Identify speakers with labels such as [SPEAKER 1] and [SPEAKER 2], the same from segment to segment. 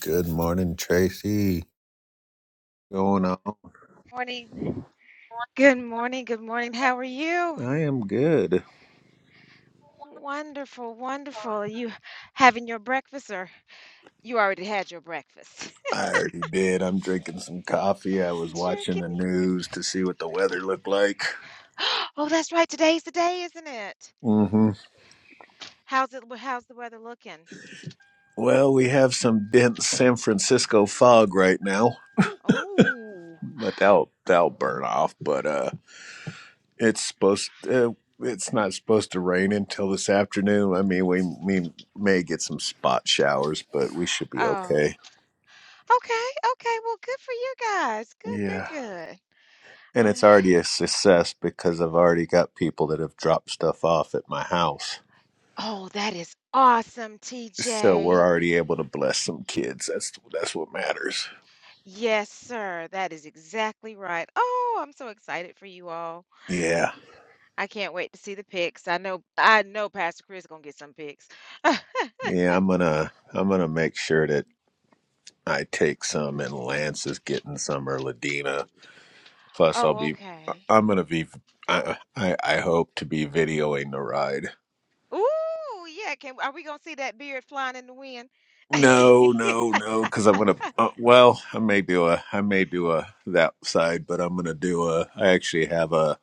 [SPEAKER 1] Good morning, Tracy. Going on?
[SPEAKER 2] Morning. Good morning. Good morning. How are you?
[SPEAKER 1] I am good.
[SPEAKER 2] Wonderful, wonderful. Are you having your breakfast or you already had your breakfast?
[SPEAKER 1] I already did. I'm drinking some coffee. I was watching
[SPEAKER 2] Jerking.
[SPEAKER 1] the news to see what the weather looked like.
[SPEAKER 2] Oh, that's right. Today's the day, isn't it?
[SPEAKER 1] mm hmm
[SPEAKER 2] How's it how's the weather looking?
[SPEAKER 1] Well, we have some dense San Francisco fog right now,
[SPEAKER 2] Oh.
[SPEAKER 1] but that'll that'll burn off. But uh, it's supposed uh, it's not supposed to rain until this afternoon. I mean, we we may get some spot showers, but we should be
[SPEAKER 2] Oh.
[SPEAKER 1] okay.
[SPEAKER 2] Okay. Okay. Well, good for you guys. Good,
[SPEAKER 1] Yeah.
[SPEAKER 2] good, good.
[SPEAKER 1] And it's already a success because I've already got people that have dropped stuff off at my house.
[SPEAKER 2] Uh, oh, that is awesome,
[SPEAKER 1] So we're
[SPEAKER 2] TJ.
[SPEAKER 1] already able to bless some kids. That's that's what matters.
[SPEAKER 2] Yes, sir. That is exactly right. Oh, I'm so excited for you all.
[SPEAKER 1] Yeah.
[SPEAKER 2] I can't wait to see the pics. I know I know Pastor Chris gonna get some pics.
[SPEAKER 1] Yeah, I'm gonna I'm gonna make sure that I take some and Lance is getting some or Ladina. Plus I'll
[SPEAKER 2] Oh,
[SPEAKER 1] be
[SPEAKER 2] okay.
[SPEAKER 1] I'm gonna be I I, I hope to be videoing the ride.
[SPEAKER 2] Ooh, yeah. Can are we gonna see that beard flying in the wind?
[SPEAKER 1] No, no, no, because I'm gonna. Uh, well, I may do a, I may do a that side, but I'm gonna do a. I actually have a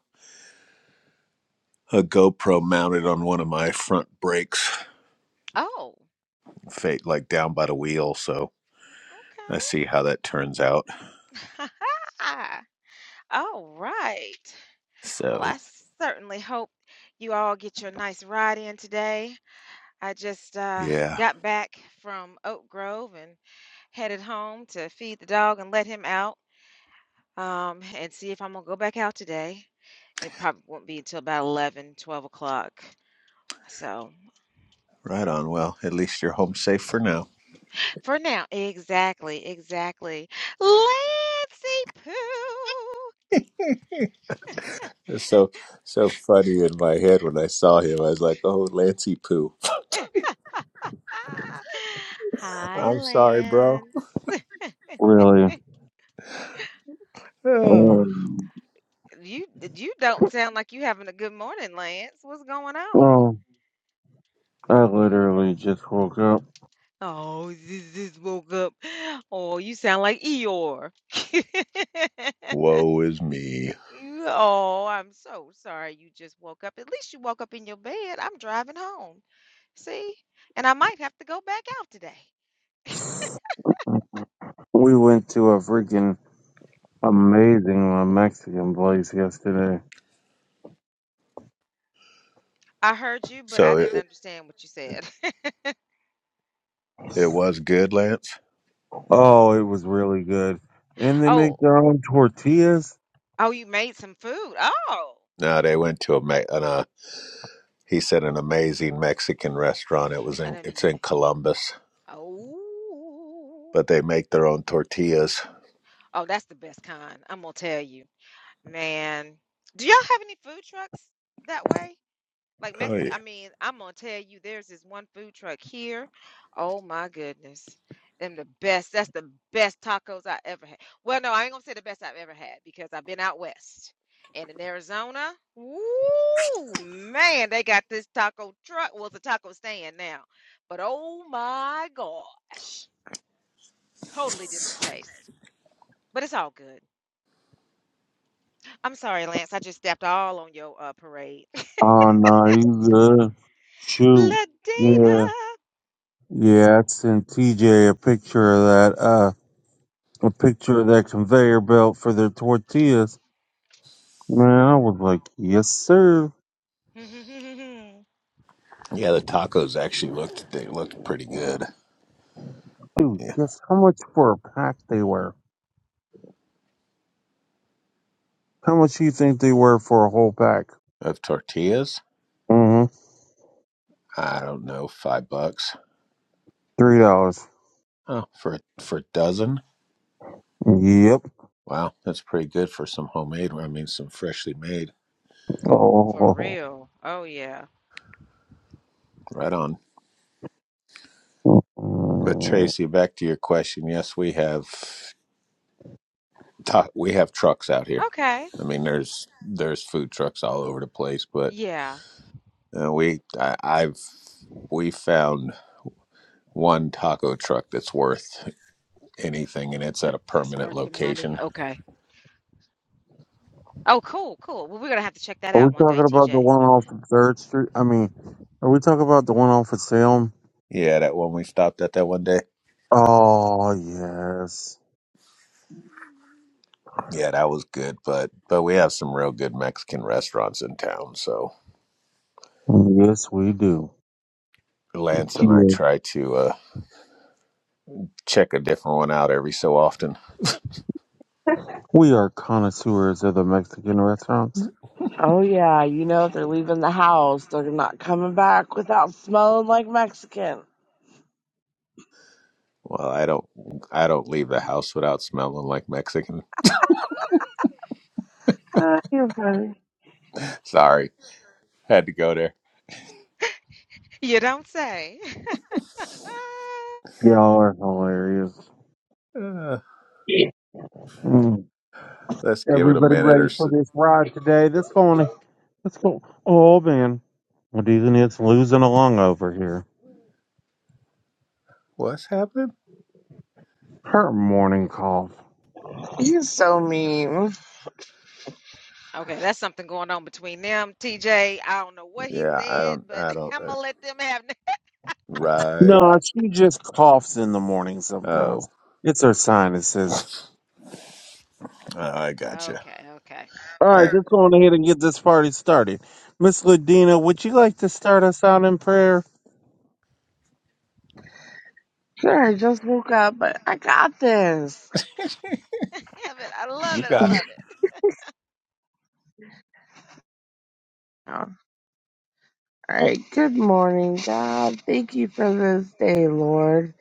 [SPEAKER 1] a GoPro mounted on one of my front brakes,
[SPEAKER 2] Oh,
[SPEAKER 1] fate like down by the wheel. So I see how that turns out.
[SPEAKER 2] okay. All right. Well, I
[SPEAKER 1] So
[SPEAKER 2] certainly hope you all get your nice ride in today. I just uh,
[SPEAKER 1] yeah,
[SPEAKER 2] got back from Oak Grove and headed home to feed the dog and let him out. um, and see if I'm gonna go back out today. It probably won't be until about eleven, twelve o'clock. So
[SPEAKER 1] right on. Well, at least you're home safe for now.
[SPEAKER 2] for now, exactly, exactly. Lancey Pooh.
[SPEAKER 1] It's so so funny in my head when I saw him. I was like, "Oh, Lancey poo."
[SPEAKER 2] Ah. Hi,
[SPEAKER 1] I'm sorry, bro.
[SPEAKER 2] Lance.
[SPEAKER 3] Really?
[SPEAKER 1] Ah.
[SPEAKER 3] Um,
[SPEAKER 2] You you don't sound like you having a good morning, Lance. What's going on?
[SPEAKER 3] well, I literally just woke up.
[SPEAKER 2] Oh, just, just woke up. Oh, you sound like Eeyore.
[SPEAKER 1] Woe is me.
[SPEAKER 2] Oh, I'm so sorry you just woke up. At least you woke up in your bed. I'm driving home. See? And I might have to go back out today.
[SPEAKER 3] We went to a freaking amazing uh, Mexican place yesterday.
[SPEAKER 2] I heard you, but I
[SPEAKER 1] So
[SPEAKER 2] didn't
[SPEAKER 1] it,
[SPEAKER 2] understand what you said.
[SPEAKER 1] it was good, Lance.
[SPEAKER 3] Oh, it was really good. And they
[SPEAKER 2] Oh,
[SPEAKER 3] make their own tortillas.
[SPEAKER 2] oh, you made some food. Oh,
[SPEAKER 1] No, they went to a me- an, uh, he said an amazing Mexican restaurant. It was
[SPEAKER 2] I
[SPEAKER 1] in it's
[SPEAKER 2] didn't.
[SPEAKER 1] in Columbus,
[SPEAKER 2] Oh,
[SPEAKER 1] but they make their own tortillas.
[SPEAKER 2] oh, that's the best kind. I'm gonna tell you, man. Do y'all have any food trucks that way? Like
[SPEAKER 1] Oh yeah.
[SPEAKER 2] Mexican, I mean, I'm gonna tell you, there's this one food truck here. Oh my goodness. Them the best. That's the best tacos I ever had. Well, no, I ain't gonna say the best I've ever had because I've been out west. And in Arizona, Ooh man, they got this taco truck. Well, it's a taco stand now. But oh my gosh, totally different taste. But it's all good. I'm sorry, Lance. I just stepped all on your uh, parade.
[SPEAKER 3] Oh, no, you good. Shoot. Yeah. Yeah, I sent TJ a picture of that, uh, a picture of that conveyor belt for their tortillas. Man, I was like, yes, sir.
[SPEAKER 2] Ladina.
[SPEAKER 1] Yeah, the tacos actually looked they looked pretty good.
[SPEAKER 3] Dude,
[SPEAKER 1] Yeah,
[SPEAKER 3] guess how much for a pack they were? How much do you think they were for a whole pack?
[SPEAKER 1] of tortillas,
[SPEAKER 3] Mm-hmm.
[SPEAKER 1] I don't know, five bucks.
[SPEAKER 3] Three dollars.
[SPEAKER 1] Oh, for for a dozen.
[SPEAKER 3] Yep.
[SPEAKER 1] Wow, that's pretty good for some homemade. I mean, some freshly made.
[SPEAKER 2] For
[SPEAKER 3] Oh.
[SPEAKER 2] real. Oh yeah.
[SPEAKER 1] Right on. But
[SPEAKER 3] Mm.
[SPEAKER 1] Tracy, back to your question. Yes, we have ta- we have trucks out here.
[SPEAKER 2] Okay.
[SPEAKER 1] I mean, there's there's food trucks all over the place, but
[SPEAKER 2] Yeah.
[SPEAKER 1] uh, we I, I've we found one taco truck that's worth anything, and it's at a
[SPEAKER 2] That's
[SPEAKER 1] permanent
[SPEAKER 2] worth the money.
[SPEAKER 1] location
[SPEAKER 2] Okay. Oh, cool, cool. Well, we're gonna have to check that
[SPEAKER 3] Are we
[SPEAKER 2] out one day,
[SPEAKER 3] talking about the
[SPEAKER 2] TJ.
[SPEAKER 3] one off of Third Street? I mean, are we talking about the one off of Salem?
[SPEAKER 1] Yeah, that one we stopped at that one day.
[SPEAKER 3] Oh yes.
[SPEAKER 1] Yeah, that was good. But but we have some real good Mexican restaurants in town. So
[SPEAKER 3] Yes, we do.
[SPEAKER 1] Lance and I
[SPEAKER 3] Yeah.
[SPEAKER 1] try to uh, check a different one out every so often.
[SPEAKER 3] We are connoisseurs of the Mexican restaurants.
[SPEAKER 4] Oh yeah, you know if they're leaving the house, they're not coming back without smelling like Mexican.
[SPEAKER 1] Well, I don't I don't leave the house without smelling like Mexican.
[SPEAKER 4] Oh, you're funny.
[SPEAKER 1] Sorry, had to go there.
[SPEAKER 2] You don't say.
[SPEAKER 3] Y'all are hilarious.
[SPEAKER 1] Uh,
[SPEAKER 3] Mm.
[SPEAKER 1] let's give it a
[SPEAKER 3] Everybody
[SPEAKER 1] minute
[SPEAKER 3] ready
[SPEAKER 1] or
[SPEAKER 3] for
[SPEAKER 1] so.
[SPEAKER 3] this ride today? This going. Let's go. Oh man, Well, these it's losing along over here.
[SPEAKER 1] What's happening?
[SPEAKER 3] Her morning cough.
[SPEAKER 4] You're so mean.
[SPEAKER 2] Okay, that's something going on between them, TJ. I don't know what he
[SPEAKER 1] Yeah, I
[SPEAKER 2] said,
[SPEAKER 1] don't
[SPEAKER 2] but
[SPEAKER 1] I don't.
[SPEAKER 2] I'm
[SPEAKER 1] Uh,
[SPEAKER 2] gonna let them have.
[SPEAKER 3] No,
[SPEAKER 1] right.
[SPEAKER 3] she just coughs in the morning sometimes.
[SPEAKER 1] Oh,
[SPEAKER 3] It's her sinuses.
[SPEAKER 1] oh, I
[SPEAKER 2] that.
[SPEAKER 1] gotcha.
[SPEAKER 2] Okay, okay.
[SPEAKER 3] All right,
[SPEAKER 1] I,
[SPEAKER 3] let's go on ahead and get this party started. Miss Ladina, would you like to start us out in prayer?
[SPEAKER 4] Sure, I just woke up, but I got this.
[SPEAKER 2] Have it. I love
[SPEAKER 1] you
[SPEAKER 2] it. I
[SPEAKER 1] got it.
[SPEAKER 2] love it.
[SPEAKER 4] All right. Good morning, God. Thank you for this day, Lord.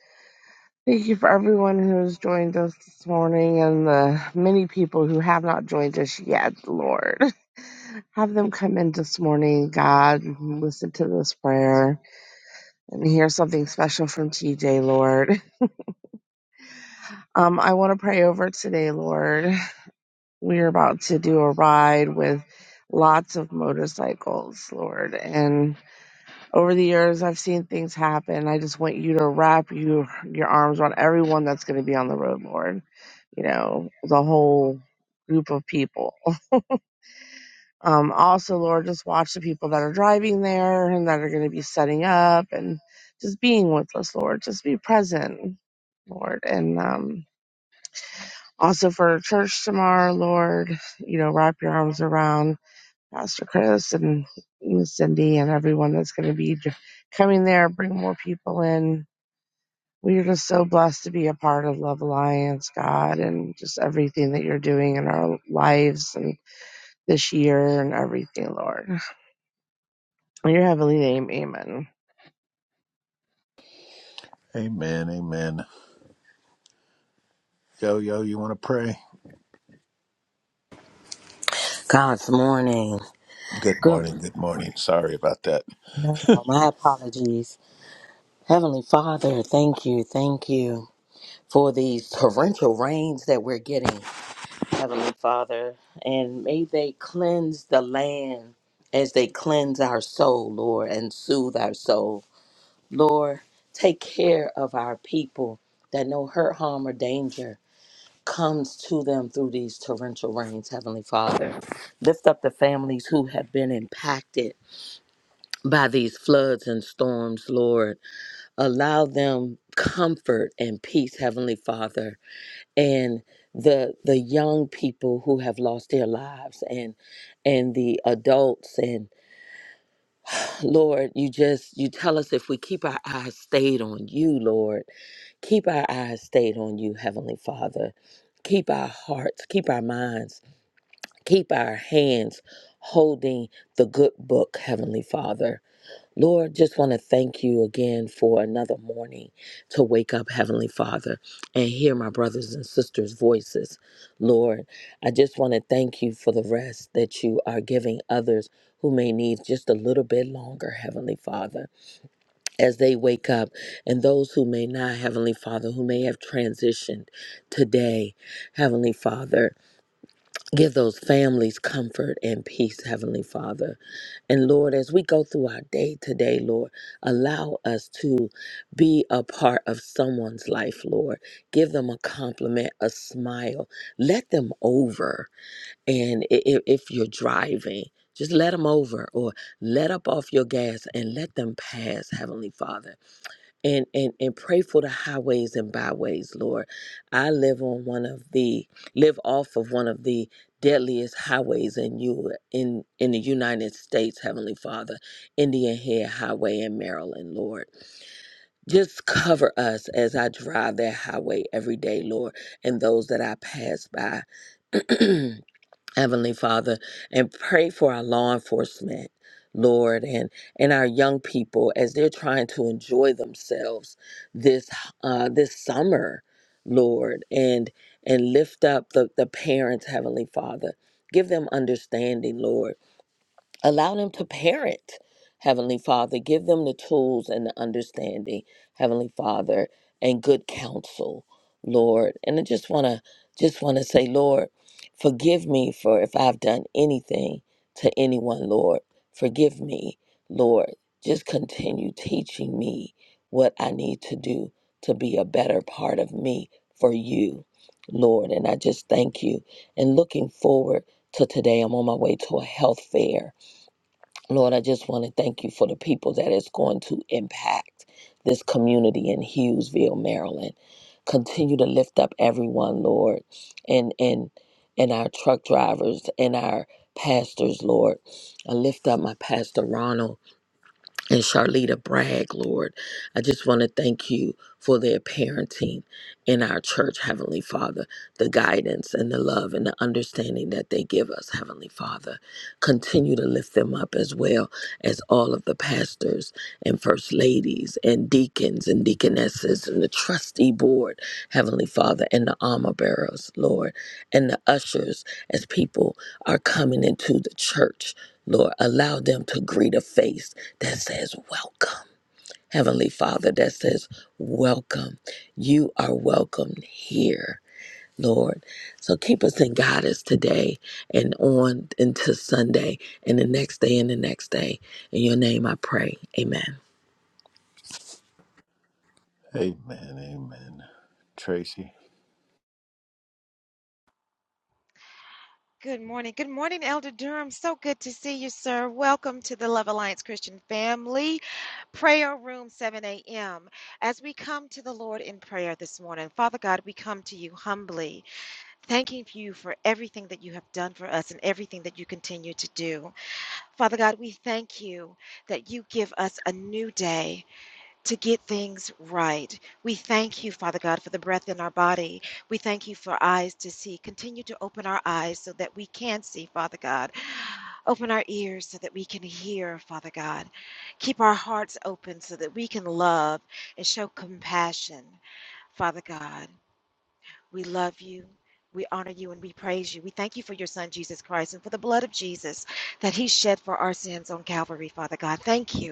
[SPEAKER 4] Thank you for everyone who has joined us this morning and the many people who have not joined us yet, Lord. Have them come in this morning, God, and listen to this prayer and hear something special from TJ, Lord. Um, I want to pray over today, Lord. We're about to do a ride with lots of motorcycles, Lord. And over the years, I've seen things happen. I just want you to wrap you, your arms around everyone that's going to be on the road, Lord. You know, the whole group of people. Um, also, Lord, just watch the people that are driving there and that are going to be setting up and just being with us, Lord. Just be present, Lord. And, um, Also for church tomorrow, Lord, you know, wrap your arms around Pastor Chris and Miss Cindy and everyone that's going to be j- coming there. Bring more people in. We are just so blessed to be a part of Love Alliance, God, and just everything that you're doing in our lives and this year and everything, Lord. In your heavenly name, amen.
[SPEAKER 1] Amen. Amen. Yo yo, you want to pray?
[SPEAKER 5] God's morning.
[SPEAKER 1] Good
[SPEAKER 5] Good
[SPEAKER 1] morning.
[SPEAKER 5] one.
[SPEAKER 1] Good morning. Sorry about that.
[SPEAKER 5] No,
[SPEAKER 1] Amen.
[SPEAKER 5] my apologies. Heavenly Father, thank you, thank you for these torrential rains that we're getting, Heavenly Father. And may they cleanse the land as they cleanse our soul, Lord, and soothe our soul. Lord, take care of our people that no hurt, harm, or danger comes to them through these torrential rains, Heavenly Father. Lift up the families who have been impacted by these floods and storms, Lord. Allow them comfort and peace, Heavenly Father, and the the young people who have lost their lives and and the adults and Lord, you just you tell us if we keep our eyes stayed on you, Lord. Keep our eyes stayed on you, Heavenly Father. Keep our hearts, keep our minds, keep our hands holding the good book, Heavenly Father Lord, just want to thank you again for another morning to wake up, Heavenly Father, and hear my brothers and sisters' voices. Lord, I just want to thank you for the rest that you are giving others who may need just a little bit longer, Heavenly Father, as they wake up, and those who may not, Heavenly Father, who may have transitioned today, Heavenly Father. Give those families comfort and peace, Heavenly Father. And Lord, as we go through our day today, Lord, allow us to be a part of someone's life, Lord. Give them a compliment, a smile. Let them over. And i- i- if you're driving, just let them over or let up off your gas and let them pass, Heavenly Father and and and pray for the highways and byways lord i live on one of the live off of one of the deadliest highways in you in in the united states heavenly father indian head highway in maryland lord just cover us as i drive that highway every day lord and those that i pass by Heavenly Father, and pray for our law enforcement, Lord, and and our young people as they're trying to enjoy themselves this uh, this summer, Lord, and and lift up the the parents, Heavenly Father. Give them understanding, Lord allow them to parent heavenly father give them the tools and the understanding heavenly father and good counsel lord and i just want to just want to say lord forgive me for if i've done anything to anyone lord forgive me lord just continue teaching me what i need to do to be a better part of me for you lord and i just thank you and looking forward to today i'm on my way to a health fair Lord, I just want to thank you for the people that is going to impact this community in Hughesville, Maryland. Continue to lift up everyone, Lord, and and and our truck drivers and our pastors, Lord. I lift up my pastor Ronald and Charlita Bragg, Lord. I just want to thank you for their parenting in our church, Heavenly Father, the guidance and the love and the understanding that they give us, Heavenly Father. Continue to lift them up as well as all of the pastors and first ladies and deacons and deaconesses and the trustee board, Heavenly Father, and the armor bearers, Lord, and the ushers as people are coming into the church. Lord, allow them to greet a face that says welcome. Heavenly Father, that says welcome. You are welcome here, Lord. So keep us in guidance today and on into Sunday and the next day and the next day. In your name I pray. Amen.
[SPEAKER 1] Amen. Tracy.
[SPEAKER 2] Good morning. Good morning, Elder Durham. So good to see you, sir. Welcome to the Love Alliance Christian family. Prayer Room 7 a.m. As we come to the Lord in prayer this morning, Father God, we come to you humbly, thanking you for everything that you have done for us and everything that you continue to do. Father God, we thank you that you give us a new day to get things right. We thank you, Father God, for the breath in our body. We thank you for eyes to see. Continue to open our eyes so that we can see, Father God. Open our ears so that we can hear, Father God. Keep our hearts open so that we can love and show compassion, Father God. We love you. We honor you and we praise you. We thank you for your son, Jesus Christ, and for the blood of Jesus that he shed for our sins on Calvary, Father God. Thank you.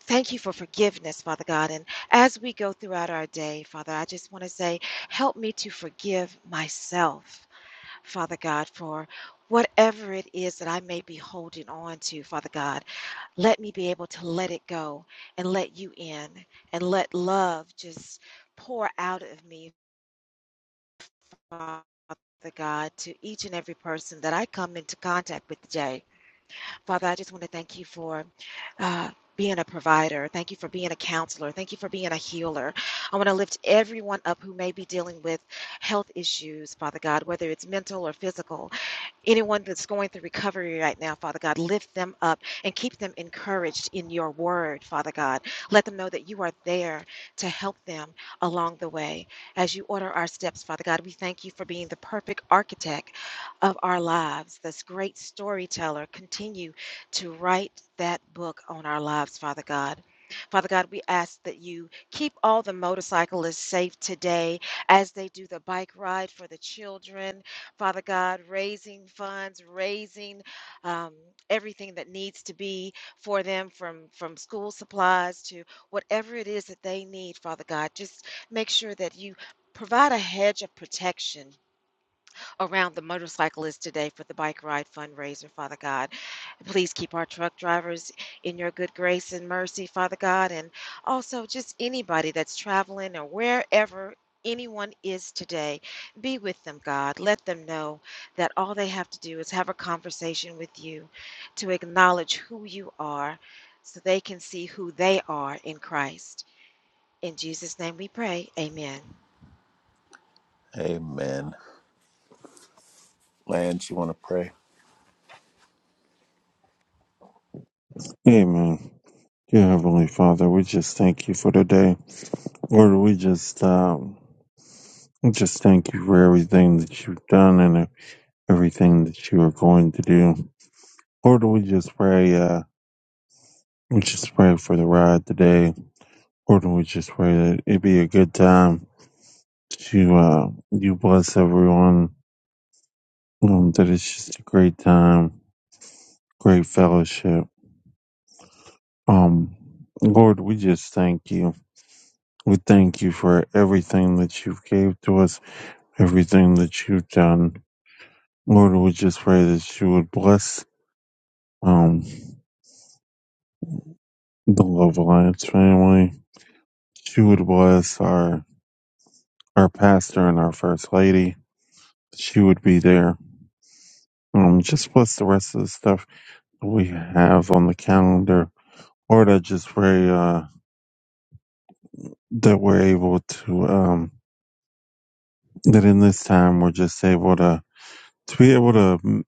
[SPEAKER 2] Thank you for forgiveness, Father God. And as we go throughout our day, Father, I just want to say, help me to forgive myself, Father God, for whatever it is that I may be holding on to, Father God. Let me be able to let it go and let you in and let love just pour out of me, Father God, to each and every person that I come into contact with today. Father, I just want to thank you for uh, being a provider. Thank you for being a counselor. Thank you for being a healer. I want to lift everyone up who may be dealing with health issues, Father God, whether it's mental or physical. Anyone that's going through recovery right now, Father God, lift them up and keep them encouraged in your word, Father God. Let them know that you are there to help them along the way. As you order our steps, Father God, we thank you for being the perfect architect of our lives, this great storyteller. Continue to write that book on our lives, Father God. Father God, we ask that you keep all the motorcyclists safe today as they do the bike ride for the children Father God, raising funds, raising um, everything that needs to be for them from, from school supplies to whatever it is that they need, Father God. Just make sure that you provide a hedge of protection around the motorcyclist today for the bike ride fundraiser, Father God. Please keep our truck drivers in your good grace and mercy, Father God, and also just anybody that's traveling or wherever anyone is today. Be with them, God. Let them know that all they have to do is have a conversation with you to acknowledge who you are so they can see who they are in Christ. In Jesus' name we pray. Amen.
[SPEAKER 1] Amen. Lance, you want to pray?
[SPEAKER 3] Amen. Dear Heavenly Father, we just thank you for today. Lord, we just um, we just thank you for everything that you've done and everything that you are going to do. Lord, we just pray. Uh, we just pray for the ride today. Lord, we just pray that it be a good time. to uh, you bless everyone. Um, that it's just a great time, great fellowship. Um, Lord, we just thank you. We thank you for everything that you've gave to us, everything that you've done. Lord, we just pray that you would bless um the Love Alliance family. She would bless our our pastor and our first lady. She would be there. Um, just bless the rest of the stuff we have on the calendar Lord, I just pray uh, that we're able to, um, that in this time we're just able to, to be able to mm,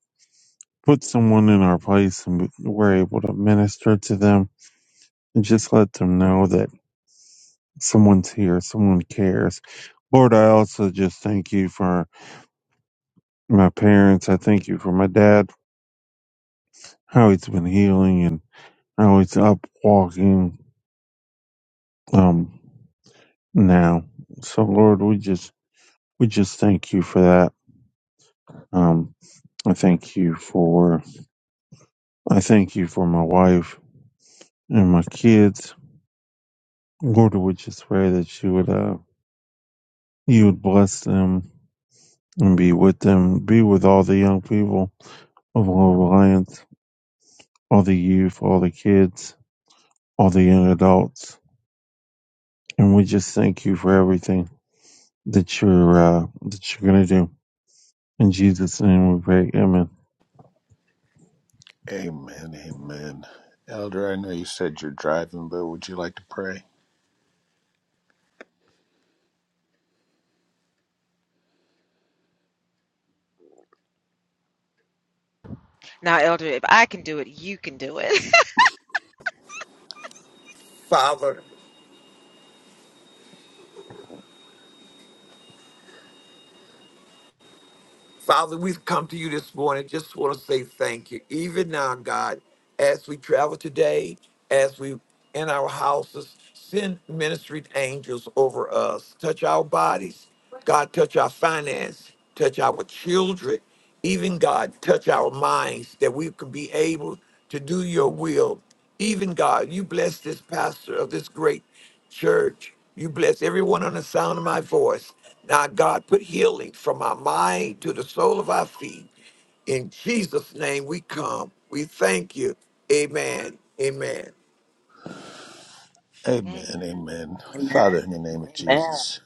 [SPEAKER 3] put someone in our place and we're able to minister to them and just let them know that someone's here, someone cares. Lord, I also just thank you for my parents. I thank you for my dad, how he's been healing and how he's up walking um, now. So, Lord, we just we just thank you for that. Um, I thank you for I thank you for my wife and my kids. Lord, we just pray that you would, uh, you would bless them and be with them, be with all the young people of Love Alliance, all the youth, all the kids, all the young adults. And we just thank you for everything that you're, uh, that you're going to do. In Jesus' name we pray. Amen.
[SPEAKER 1] Amen. Amen. Elder, I know you said you're driving, but would you like to pray?
[SPEAKER 2] Now, Elder, if I can do it, you can do it.
[SPEAKER 6] Father, Father, we've come to you this morning. Just want to say thank you. Even now, God, as we travel today, as we in our houses, send ministry angels over us. Touch our bodies. God, touch our finance. Touch our children. Even God, touch our minds that we can be able to do your will. Even God, you bless this pastor of this great Church, you bless everyone on the sound of my voice. Now, God, put healing from our mind to the sole of our feet. In Jesus' name we come. We thank you. Amen. Amen.
[SPEAKER 1] Amen. Amen. Father, in the name of
[SPEAKER 5] Amen.
[SPEAKER 1] Jesus,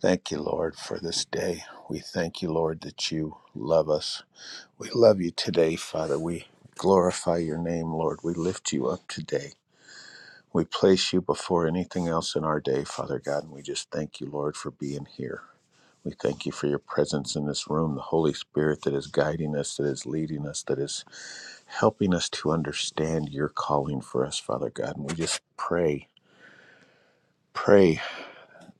[SPEAKER 1] thank you, Lord, for this day. We thank you, Lord, that you love us. We love you today, Father. We glorify your name, Lord. We lift you up today. We place you before anything else in our day, Father God, and we just thank you, Lord, for being here. We thank you for your presence in this room, the Holy Spirit that is guiding us, that is leading us, that is helping us to understand your calling for us, Father God. And we just pray, pray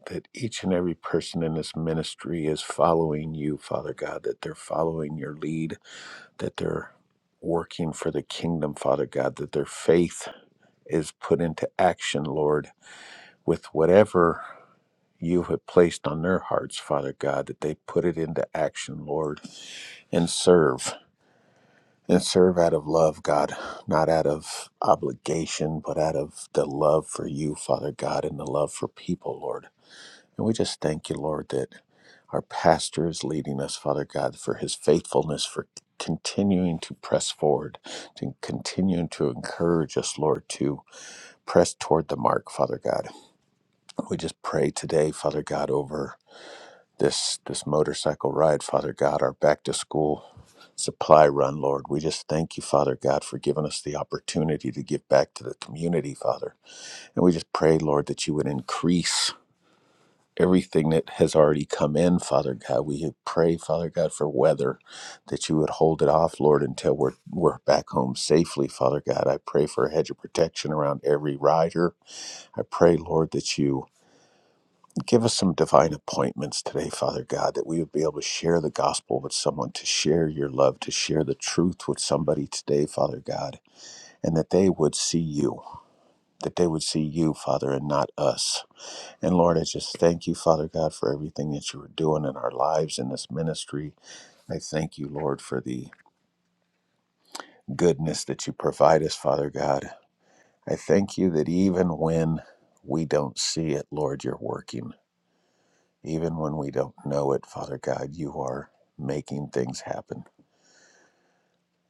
[SPEAKER 1] that each and every person in this ministry is following you, Father God, that they're following your lead, that they're working for the kingdom, Father God, that their faith is put into action, Lord, with whatever you have placed on their hearts, Father God, that they put it into action, Lord, and serve. And serve out of love, God, not out of obligation, but out of the love for you, Father God, and the love for people, Lord. And we just thank you, Lord, that our pastor is leading us, Father God, for his faithfulness, for continuing to press forward, to continuing to encourage us, Lord, to press toward the mark, Father God. We just pray today, Father God, over this this motorcycle ride, Father God, our back to school supply run, Lord. We just thank you, Father God, for giving us the opportunity to give back to the community, Father. And we just pray, Lord, that you would increase everything that has already come in, Father God. We pray, Father God, for weather, that you would hold it off, Lord, until we're we're back home safely, Father God. I pray for a hedge of protection around every rider. I pray, Lord, that you Give us some divine appointments today, Father God, that we would be able to share the gospel with someone, to share your love, to share the truth with somebody today, Father God, and that they would see you, that they would see you, Father, and not us. And Lord, I just thank you, Father God, for everything that you are doing in our lives in this ministry. I thank you, Lord, for the goodness that you provide us, Father God. I thank you that even when we don't see it, Lord, you're working. Even when we don't know it, Father God, you are making things happen.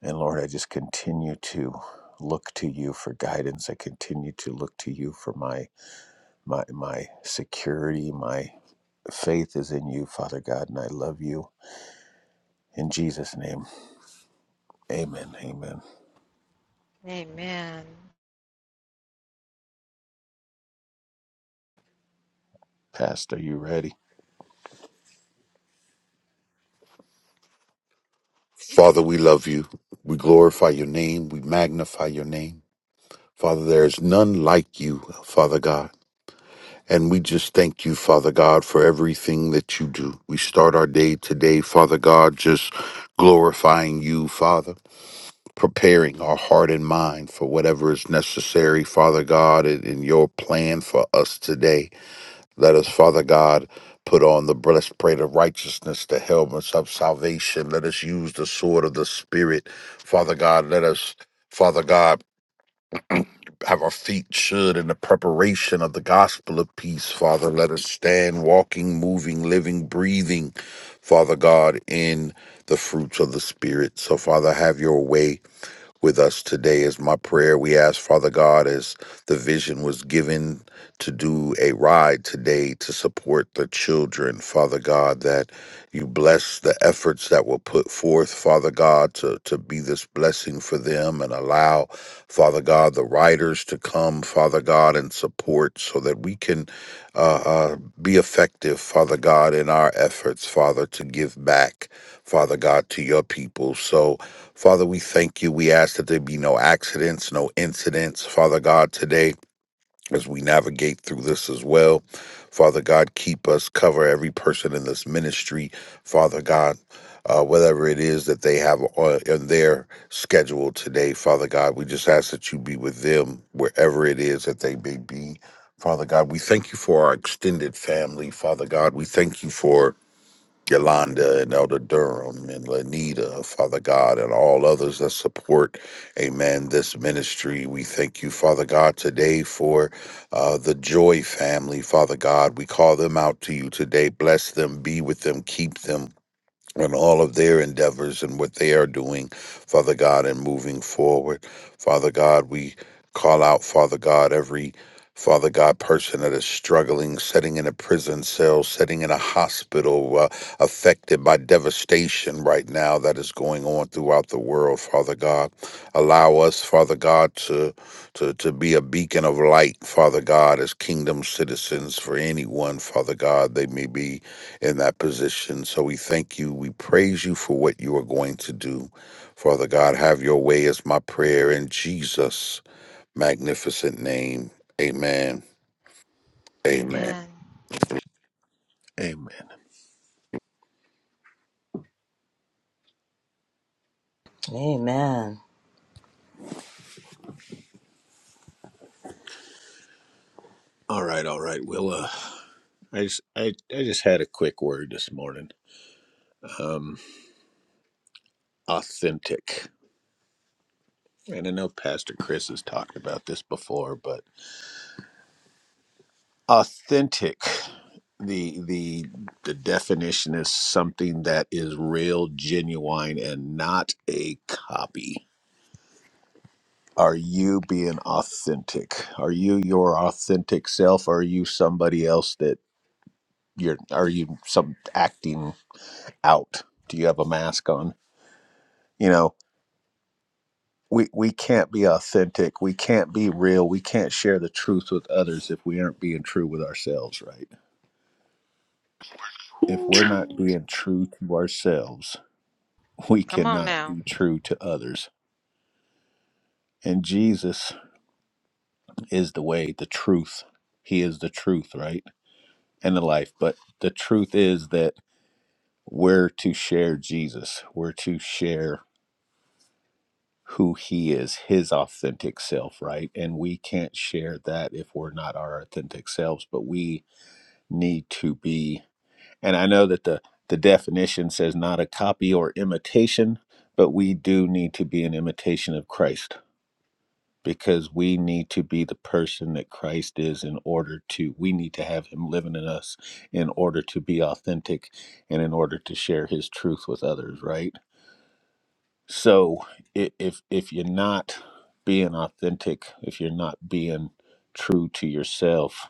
[SPEAKER 1] And Lord, I just continue to look to you for guidance. I continue to look to you for my my my security. My faith is in you, Father God, and I love you. In Jesus' name. Amen. Amen.
[SPEAKER 2] Amen.
[SPEAKER 1] Pastor, you ready?
[SPEAKER 7] Father, we love you. We glorify your name. We magnify your name. Father, there is none like you, Father God. And we just thank you, Father God, for everything that you do. We start our day today, Father God, just glorifying you, Father, preparing our heart and mind for whatever is necessary, Father God, in in your plan for us today. Let us, Father God, put on the breastplate of righteousness, the helmets of salvation. Let us use the sword of the Spirit. Father God, let us, Father God, have our feet shod in the preparation of the gospel of peace. Father, let us stand walking, moving, living, breathing, Father God, in the fruits of the Spirit. So, Father, have your way with us today is my prayer. We ask, Father God, as the vision was given to do a ride today to support the children, Father God, that you bless the efforts that were put forth, Father God, to, to be this blessing for them and allow, Father God, the riders to come, Father God, and support so that we can uh, uh, be effective, Father God, in our efforts, Father, to give back, Father God, to your people. So, Father, we thank you. We ask that there be no accidents, no incidents. Father God, today, as we navigate through this as well, Father God, keep us, cover every person in this ministry. Father God, uh, whatever it is that they have on in their schedule today, Father God, we just ask that you be with them wherever it is that they may be. Father God, we thank you for our extended family. Father God, we thank you for Yolanda and Elder Durham and Lanita, Father God, and all others that support, amen, this ministry. We thank you, Father God, today for uh, the Joy family, Father God. We call them out to you today. Bless them, be with them, keep them on all of their endeavors and what they are doing, Father God, and moving forward. Father God, we call out, Father God, every Father God, person that is struggling, sitting in a prison cell, sitting in a hospital, uh, affected by devastation right now that is going on throughout the world, Father God. Allow us, Father God, to, to, to be a beacon of light, Father God, as kingdom citizens for anyone, Father God, they may be in that position. So we thank you. We praise you for what you are going to do. Father God, have your way is my prayer in Jesus' magnificent name. Amen. Amen.
[SPEAKER 2] Amen.
[SPEAKER 1] Amen.
[SPEAKER 5] Amen.
[SPEAKER 1] All right, all right. Well uh I just I, I just had a quick word this morning. Um authentic. And I know Pastor Chris has talked about this before, but authentic the the the definition is something that is real genuine and not a copy are you being authentic are you your authentic self are you somebody else that you're are you some acting out do you have a mask on you know we we can't be authentic we can't be real we can't share the truth with others if we aren't being true with ourselves right if we're not being true to ourselves we
[SPEAKER 2] Come on
[SPEAKER 1] cannot
[SPEAKER 2] now.
[SPEAKER 1] be true to others. And Jesus is the way, the truth. He is the truth, right? And the life. But the truth is that we're to share Jesus. We're to share who he is, his authentic self, right? And we can't share that if we're not our authentic selves, but we need to be. And I know that the the definition says not a copy or imitation, but we do need to be an imitation of Christ because we need to be the person that Christ is in order to we need to have him living in us in order to be authentic and in order to share his truth with others right so i- if if you're not being authentic if you're not being true to yourself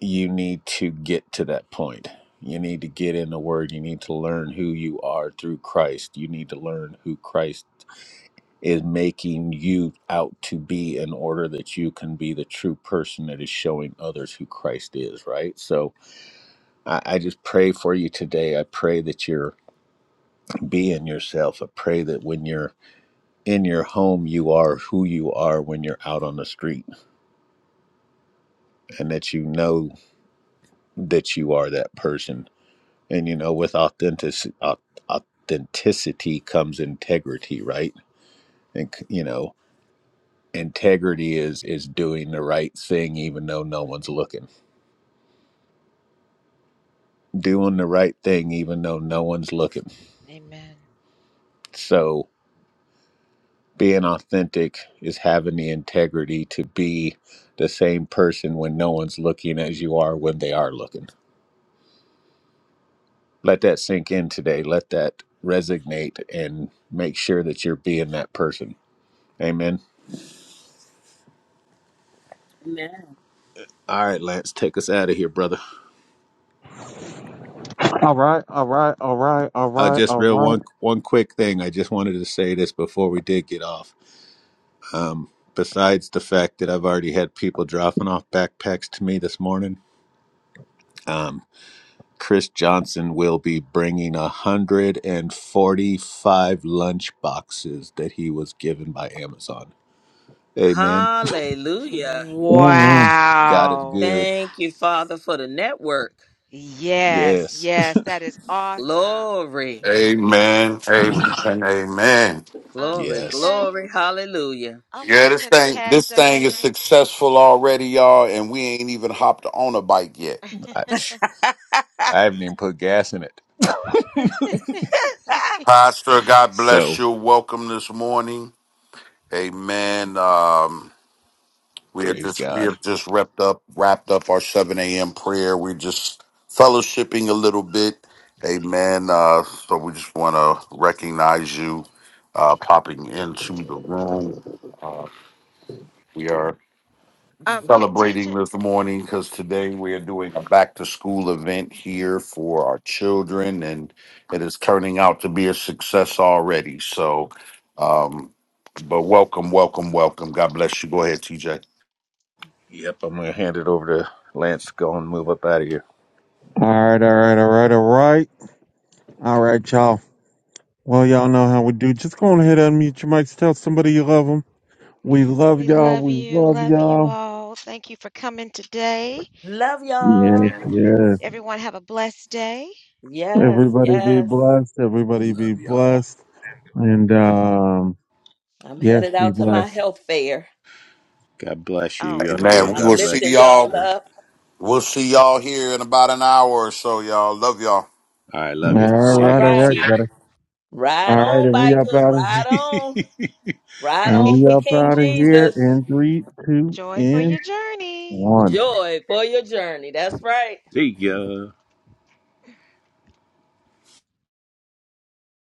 [SPEAKER 1] you need to get to that point you need to get in the word you need to learn who you are through Christ you need to learn who Christ is making you out to be in order that you can be the true person that is showing others who Christ is, right? So I, I just pray for you today. I pray that you're being yourself. I pray that when you're in your home, you are who you are when you're out on the street and that you know that you are that person. And, you know, with authentic, au- authenticity comes integrity, right? And, you know, integrity is is doing the right thing even though no one's looking doing the right thing even though no one's looking.
[SPEAKER 2] Amen.
[SPEAKER 1] So being authentic is having the integrity to be the same person when no one's looking as you are when they are looking. Let that sink in today. Let that resonate and make sure that you're being that person. Amen.
[SPEAKER 5] Amen.
[SPEAKER 1] All right, Lance, take us out of here, brother.
[SPEAKER 3] All right. All right. All right. All
[SPEAKER 1] Uh,
[SPEAKER 3] right.
[SPEAKER 1] just
[SPEAKER 3] All
[SPEAKER 1] real
[SPEAKER 3] right.
[SPEAKER 1] one one quick thing. I just wanted to say this before we did get off. Um, besides the fact that I've already had people dropping off backpacks to me this morning, um, Chris Johnson will be bringing 145 lunch boxes that he was given by Amazon. Amen.
[SPEAKER 5] Hallelujah.
[SPEAKER 3] Amen.
[SPEAKER 1] God is
[SPEAKER 2] Wow.
[SPEAKER 1] good.
[SPEAKER 5] Thank you, Father, for the network.
[SPEAKER 2] Yes,
[SPEAKER 1] Yes.
[SPEAKER 2] yes, that is awesome.
[SPEAKER 5] Glory,
[SPEAKER 7] Amen. Amen. Amen.
[SPEAKER 2] Um,
[SPEAKER 5] glory,
[SPEAKER 1] yes.
[SPEAKER 2] TJ,
[SPEAKER 5] glory. Hallelujah.
[SPEAKER 2] I want
[SPEAKER 7] Yeah,
[SPEAKER 2] to
[SPEAKER 7] this
[SPEAKER 2] send a
[SPEAKER 7] thing
[SPEAKER 2] cash
[SPEAKER 7] this thing is
[SPEAKER 2] donation.
[SPEAKER 7] successful already, y'all, and we ain't even hopped on a bike yet.
[SPEAKER 1] I, I haven't even put gas in it.
[SPEAKER 7] Pastor, God bless
[SPEAKER 1] So
[SPEAKER 7] you. Welcome this morning. Amen. Um We have
[SPEAKER 1] praise
[SPEAKER 7] just we
[SPEAKER 1] God.
[SPEAKER 7] have just wrapped up wrapped up our seven a.m. prayer. We're just fellowshipping a little bit, Amen. Uh, so we just want to recognize you uh, popping into the room. Uh, we are
[SPEAKER 2] Um, yeah,
[SPEAKER 7] celebrating
[SPEAKER 2] TJ.
[SPEAKER 7] this morning because today we are doing a back to school event here for our children, and it is turning out to be a success already. So, um, but welcome, welcome, welcome. God bless you. Go ahead, TJ.
[SPEAKER 1] Yep. I'm going to hand it over to Lance to go and move up out of here.
[SPEAKER 3] All right. All right. All right. All right. All right, y'all. Well, y'all know how we do. Just go on ahead and unmute your mics. Tell somebody you love them. We love
[SPEAKER 2] We
[SPEAKER 3] y'all.
[SPEAKER 2] love
[SPEAKER 3] We
[SPEAKER 2] you.
[SPEAKER 3] love
[SPEAKER 2] Love you
[SPEAKER 3] y'all.
[SPEAKER 2] all. Thank you for coming today.
[SPEAKER 5] Love y'all.
[SPEAKER 3] Yes, yes.
[SPEAKER 2] Everyone have a blessed day.
[SPEAKER 5] Yes,
[SPEAKER 3] Everybody be
[SPEAKER 5] yes.
[SPEAKER 3] blessed. Everybody be
[SPEAKER 1] Love y'all.
[SPEAKER 3] blessed. And, um,
[SPEAKER 5] I'm
[SPEAKER 3] yes,
[SPEAKER 5] headed
[SPEAKER 3] be
[SPEAKER 5] out to my
[SPEAKER 3] blessed.
[SPEAKER 5] health fair.
[SPEAKER 1] God bless you,
[SPEAKER 2] All
[SPEAKER 1] yo, yo.
[SPEAKER 7] Amen. We
[SPEAKER 5] I'm
[SPEAKER 2] right.
[SPEAKER 7] will
[SPEAKER 1] God
[SPEAKER 7] see
[SPEAKER 1] bless
[SPEAKER 5] lifting
[SPEAKER 1] you.
[SPEAKER 5] y'all
[SPEAKER 7] y'all.
[SPEAKER 1] Elder.
[SPEAKER 5] up.
[SPEAKER 7] We'll see y'all here in about an hour or so, y'all. Love y'all.
[SPEAKER 1] All right.
[SPEAKER 3] All
[SPEAKER 1] Love you. See
[SPEAKER 5] All
[SPEAKER 1] you
[SPEAKER 3] right,
[SPEAKER 1] here
[SPEAKER 3] all
[SPEAKER 1] in a
[SPEAKER 5] right.
[SPEAKER 3] right,
[SPEAKER 1] few.
[SPEAKER 3] got it.
[SPEAKER 5] Ride
[SPEAKER 3] All right,
[SPEAKER 5] on,
[SPEAKER 3] and we up
[SPEAKER 5] bikers.
[SPEAKER 3] out of here.
[SPEAKER 5] Ride on. Ride
[SPEAKER 3] And
[SPEAKER 5] on
[SPEAKER 3] we
[SPEAKER 5] for
[SPEAKER 3] up
[SPEAKER 5] King
[SPEAKER 3] out of here
[SPEAKER 5] Jesus.
[SPEAKER 3] in three, two,
[SPEAKER 2] Joy for
[SPEAKER 3] and
[SPEAKER 2] your journey.
[SPEAKER 3] one.
[SPEAKER 5] Joy for your journey. That's right.
[SPEAKER 1] See ya.